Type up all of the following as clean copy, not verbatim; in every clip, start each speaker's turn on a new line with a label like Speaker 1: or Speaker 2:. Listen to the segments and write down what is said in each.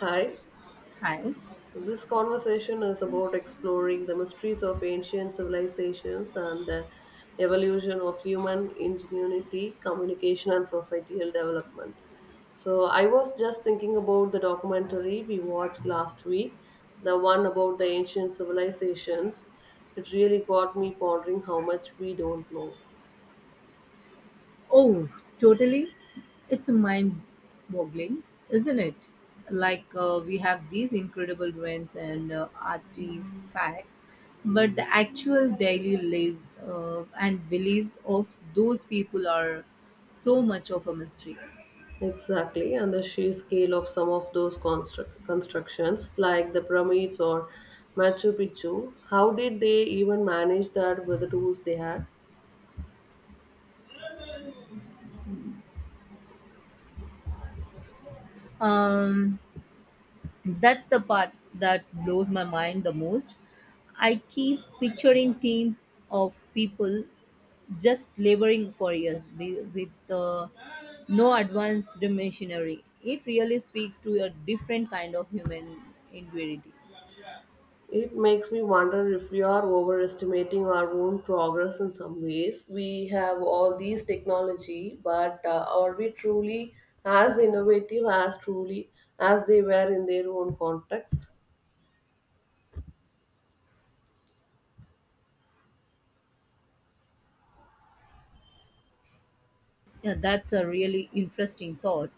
Speaker 1: Hi.
Speaker 2: Hi.
Speaker 1: So this conversation is about exploring the mysteries of ancient civilizations and the evolution of human ingenuity, communication, and societal development. So, I was just thinking about the documentary we watched last week, the one about the ancient civilizations. It really got me pondering how much we don't know.
Speaker 2: Oh, totally. It's mind boggling, isn't it? We have these incredible ruins and artifacts, but the actual daily lives and beliefs of those people are so much of a mystery.
Speaker 1: Exactly, and the sheer scale of some of those constructions, like the pyramids or Machu Picchu, how did they even manage that with the tools they had?
Speaker 2: Um, that's the part that blows my mind the most. I keep picturing team of people just laboring for years with no advanced machinery. It really speaks to a different kind of human ingenuity.
Speaker 1: It makes me wonder if we are overestimating our own progress in some ways. We have all these technology, but are we truly as innovative as truly as they were in their own context?
Speaker 2: Yeah, that's a really interesting thought.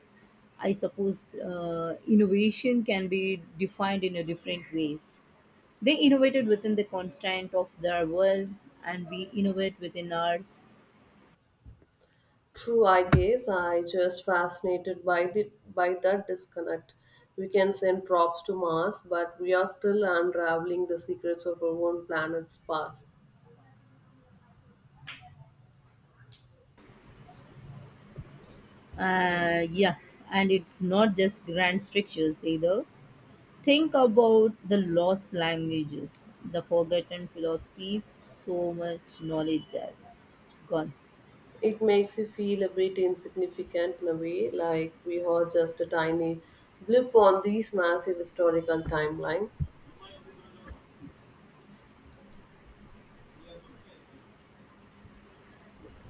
Speaker 2: I suppose innovation can be defined in a different ways. They innovated within the constraint of their world, and we innovate within ours.
Speaker 1: True, I guess I just fascinated by the by that disconnect. We can send probes to Mars, but we are still unraveling the secrets of our own planet's past.
Speaker 2: Yeah, and it's not just grand structures either. Think about the lost languages, the forgotten philosophies, so much knowledge just gone.
Speaker 1: It makes you feel a bit insignificant in a way, like we are just a tiny blip on this massive historical timeline.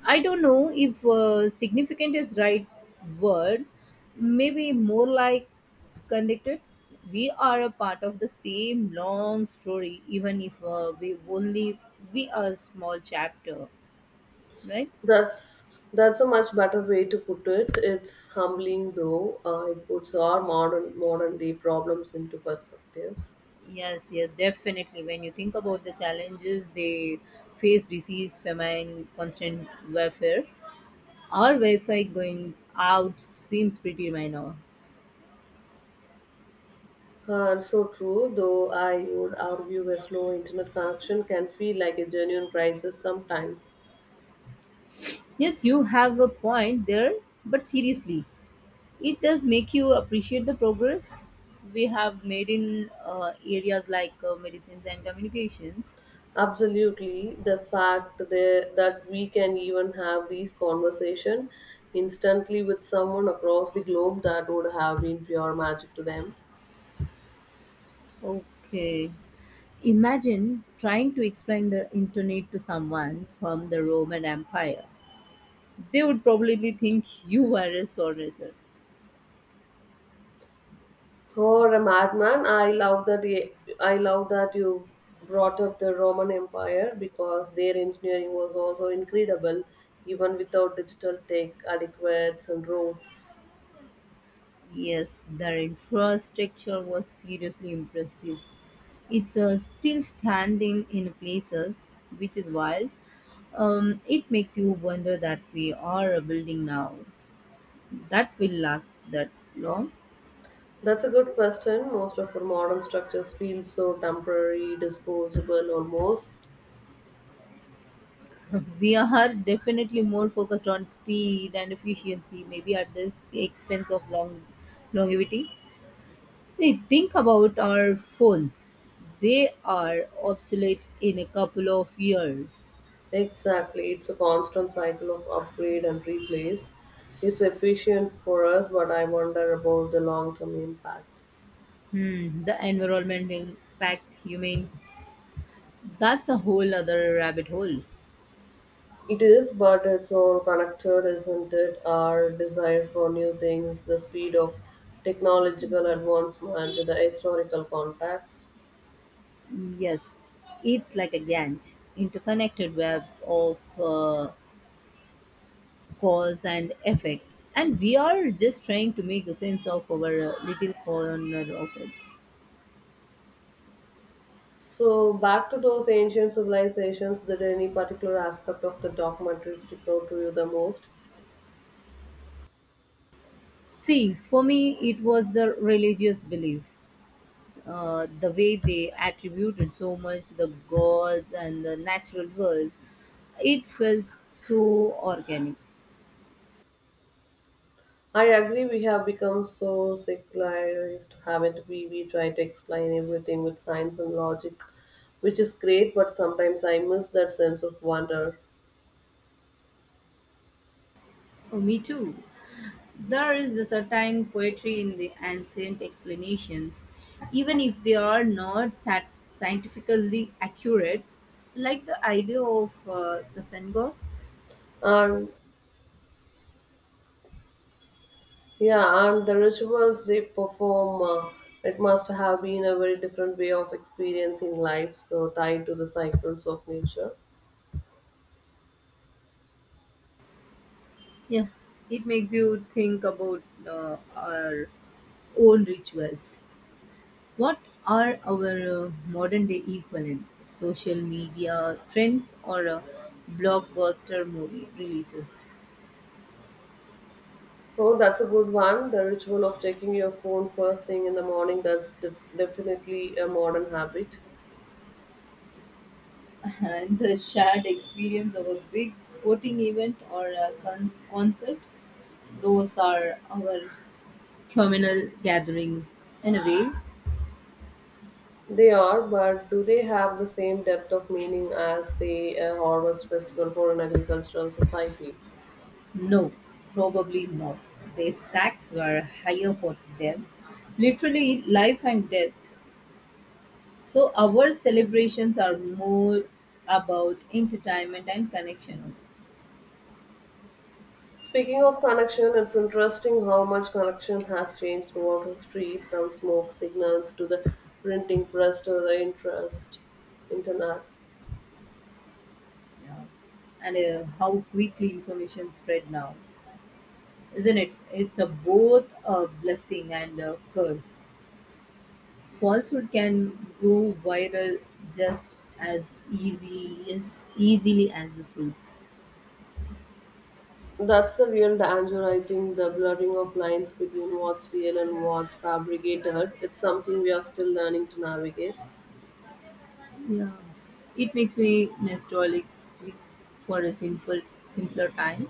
Speaker 2: I don't know if significant is right word, maybe more like connected. We are a part of the same long story, even if we are a small chapter, right?
Speaker 1: That's that's a much better way to put it. It's humbling though. It puts our modern day problems into perspectives.
Speaker 2: Yes, yes, definitely. When you think about the challenges they face, disease, famine, constant warfare, our Wi-Fi going out seems pretty minor.
Speaker 1: So true, though I would argue a slow internet connection can feel like a genuine crisis sometimes.
Speaker 2: Yes, you have a point there, but seriously, it does make you appreciate the progress we have made in areas like medicines and communications.
Speaker 1: Absolutely, the fact that we can even have these conversation instantly with someone across the globe that would have been pure magic to them.
Speaker 2: Okay. Imagine trying to explain the internet to someone from the Roman Empire. They would probably think you are a sorcerer.
Speaker 1: Or a madman, I love that you brought up the Roman Empire because their engineering was also incredible, even without digital tech, adequates and roads.
Speaker 2: Yes, their infrastructure was seriously impressive. It's still standing in places, which is wild. It makes you wonder that we are a building now that will last that long.
Speaker 1: That's a good question. Most of our modern structures feel so temporary, disposable almost.
Speaker 2: We are definitely more focused on speed and efficiency, maybe at the expense of longevity. They think about our phones. They are obsolete in a couple of years.
Speaker 1: Exactly. It's a constant cycle of upgrade and replace. It's efficient for us, but I wonder about the long term impact.
Speaker 2: Hmm, the environmental impact, you mean? That's a whole other rabbit hole.
Speaker 1: It is, but it's all connected, isn't it? Our desire for new things, the speed of technological advancement, the historical context.
Speaker 2: Yes, it's like a Gantt, interconnected web of cause and effect. And we are just trying to make a sense of our little corner of it.
Speaker 1: So back to those ancient civilizations, did any particular aspect of the documentary stick out to you the most?
Speaker 2: See, for me, it was the religious belief. The way they attributed so much the gods and the natural world, it felt so organic.
Speaker 1: I agree we have become so secularized, haven't we? We try to explain everything with science and logic, which is great, but sometimes I miss that sense of wonder.
Speaker 2: Oh, me too. There is a certain poetry in the ancient explanations, even if they are not scientifically accurate, like the idea of the sun god.
Speaker 1: And yeah, and the rituals they perform, it must have been a very different way of experiencing life, so tied to the cycles of nature.
Speaker 2: Yeah, it makes you think about our own rituals. What are our modern day equivalent? Social media trends or blockbuster movie releases?
Speaker 1: Oh, that's a good one. The ritual of checking your phone first thing in the morning, that's definitely a modern habit.
Speaker 2: And the shared experience of a big sporting event or a concert. Those are our communal gatherings, in a way.
Speaker 1: They are, but do they have the same depth of meaning as, say, a harvest festival for an agricultural society?
Speaker 2: No, probably not. The stakes were higher for them, literally life and death. So our celebrations are more about entertainment and connection,
Speaker 1: Speaking of connection, it's interesting how much connection has changed throughout history from smoke signals to the printing press to the interest internet.
Speaker 2: yeah. And how quickly information spread now, isn't it? It's a both a blessing and a curse. Falsehood can go viral just as easily as the truth.
Speaker 1: That's the real danger, I think, the blurring of lines between what's real and what's fabricated. It's something we are still learning to navigate.
Speaker 2: Yeah, it makes me nostalgic for a simpler time,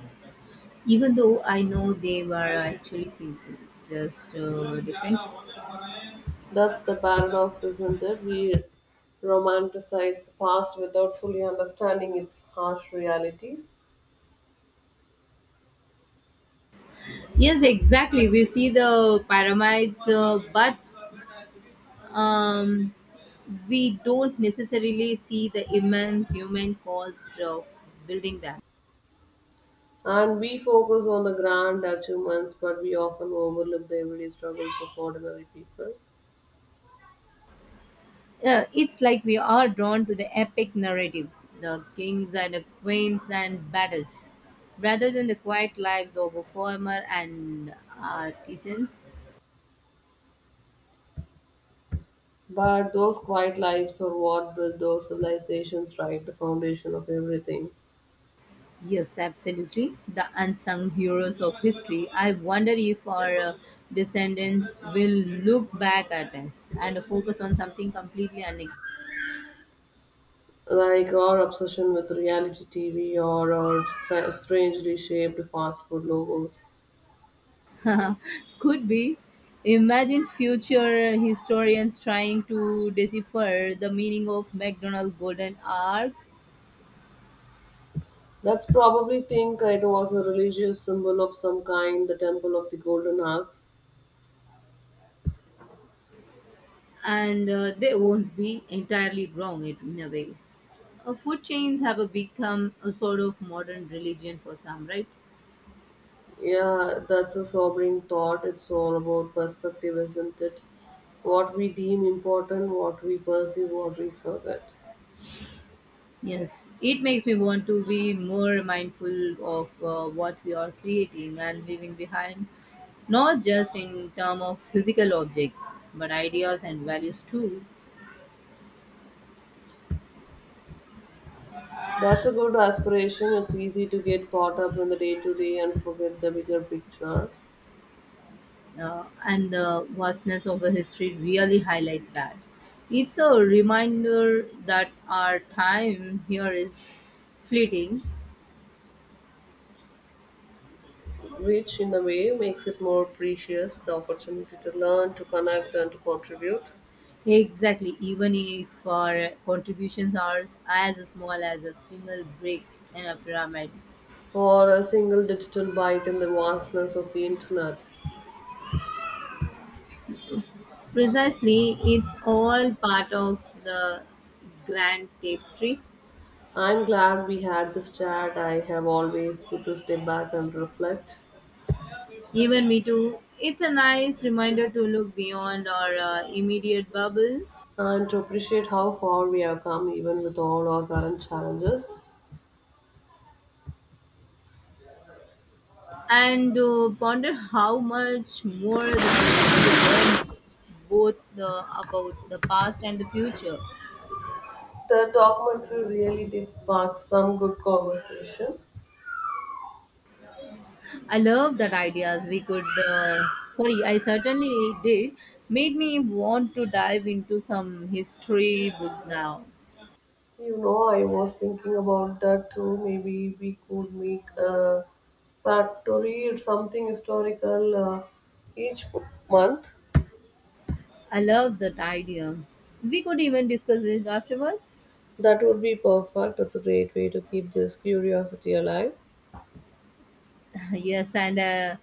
Speaker 2: even though I know they were actually simple, just different.
Speaker 1: That's the paradox, isn't it? We romanticize the past without fully understanding its harsh realities.
Speaker 2: Yes, exactly. We see the pyramids, but um, we don't necessarily see the immense human cost of building them.
Speaker 1: And we focus on the grand achievements, but we often overlook the everyday struggles of ordinary people.
Speaker 2: It's like we are drawn to the epic narratives, the kings and the queens and battles, rather than the quiet lives of a farmer and artisans.
Speaker 1: But those quiet lives are what built those civilizations, right? The foundation of everything.
Speaker 2: Yes, absolutely. The unsung heroes of history. I wonder if our descendants will look back at us and focus on something completely
Speaker 1: Like our obsession with reality TV or our strangely shaped fast food logos.
Speaker 2: unexpected. Could be. Imagine future historians trying to decipher the meaning of McDonald's Golden Ark.
Speaker 1: That's probably think it was a religious symbol of some kind, the temple of the golden axe.
Speaker 2: And they won't be entirely wrong it, in a way. Food chains have a become a sort of modern religion for some, right?
Speaker 1: Yeah, that's a sobering thought. It's all about perspective, isn't it? What we deem important, what we perceive, what we forget.
Speaker 2: Yes, it makes me want to be more mindful of what we are creating and leaving behind, not just in terms of physical objects, but ideas and values too.
Speaker 1: That's a good aspiration. It's easy to get caught up in the day to day and forget the bigger picture.
Speaker 2: And the vastness of the history really highlights that. It's a reminder that our time here is fleeting.
Speaker 1: Which in a way makes it more precious the opportunity to learn, to connect, and to contribute,
Speaker 2: Exactly, even if our contributions are as small as a single brick in a pyramid.
Speaker 1: or a single digital bite in the vastness of the internet.
Speaker 2: Precisely, it's all part of the grand tapestry.
Speaker 1: I'm glad we had this chat. I have always good to step back and reflect
Speaker 2: Even me too. It's a nice reminder to look beyond our immediate bubble
Speaker 1: and to appreciate how far we have come, even with all our current challenges.
Speaker 2: and ponder how much more there is to learn about the past and the future.
Speaker 1: The documentary really did spark some good conversation.
Speaker 2: I love that ideas we could. Sorry, I certainly did. Made me want to dive into some history books now.
Speaker 1: You know, I was thinking about that too. Maybe we could make a pact to read something historical each month.
Speaker 2: I love that idea. We could even discuss it afterwards.
Speaker 1: That would be perfect. It's a great way to keep this curiosity alive.
Speaker 2: Yes, and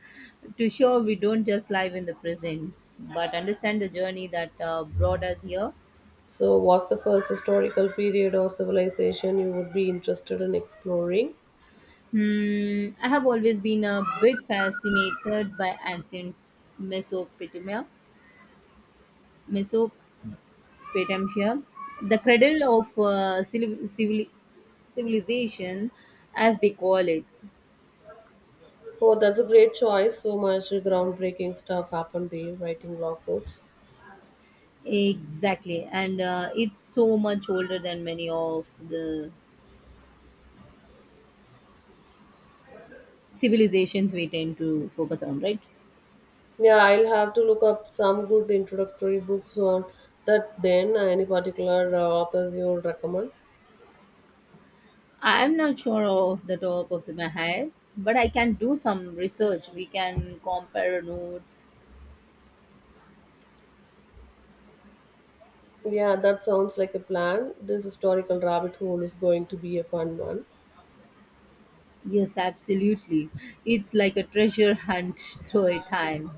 Speaker 2: to show we don't just live in the present, but understand the journey that brought us here.
Speaker 1: So, what's the first historical period or civilization you would be interested in exploring?
Speaker 2: Hmm, I have always been a bit fascinated by ancient Mesopotamia. Mesopotamia Petampia, the cradle of civilization, as they call it.
Speaker 1: Oh, that's a great choice. So much groundbreaking stuff happened there, writing law codes.
Speaker 2: Exactly, and it's so much older than many of the civilizations we tend to focus on, right?
Speaker 1: Yeah, I'll have to look up some good introductory books on that then. Any particular authors you would recommend?
Speaker 2: I'm not sure of the top of the my head, but I can do some research. We can compare notes.
Speaker 1: Yeah, that sounds like a plan. This historical rabbit hole is going to be a fun one.
Speaker 2: Yes, absolutely. It's like a treasure hunt through a time.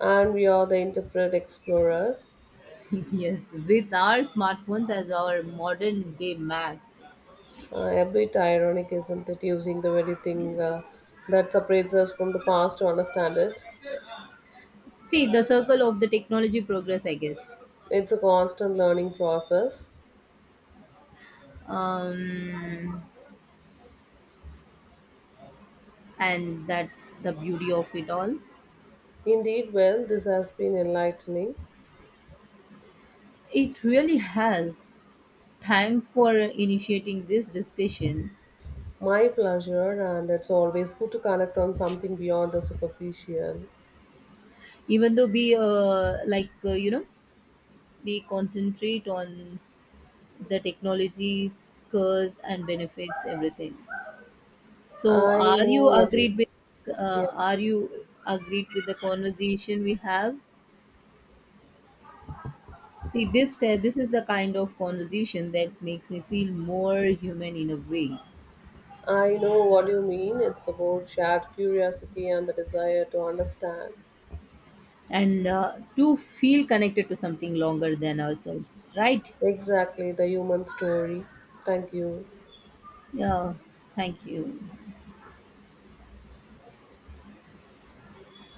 Speaker 1: And we are the interpret explorers.
Speaker 2: Yes, with our smartphones as our modern day maps.
Speaker 1: A bit ironic, isn't it? Using the very thing
Speaker 2: Yes.
Speaker 1: that separates us from the past to understand it.
Speaker 2: See, the circle of the technology progress, I guess.
Speaker 1: It's a constant learning process.
Speaker 2: Um, and that's the beauty of it all.
Speaker 1: Indeed, well, this has been enlightening.
Speaker 2: It really has. Thanks for initiating this discussion.
Speaker 1: My pleasure, and it's always good to connect on something beyond the superficial.
Speaker 2: Even though we, we concentrate on the technology's curse and benefits, everything. So,
Speaker 1: I
Speaker 2: are you
Speaker 1: know what you
Speaker 2: agreed with?
Speaker 1: Yeah,
Speaker 2: Are you agreed with the conversation we have? See, this is the kind of conversation that makes me feel more human in a way,
Speaker 1: I know what you mean. It's about shared curiosity and the desire to understand
Speaker 2: and to feel connected to something longer than ourselves, right?
Speaker 1: exactly the human story. Thank you.
Speaker 2: Yeah, thank you.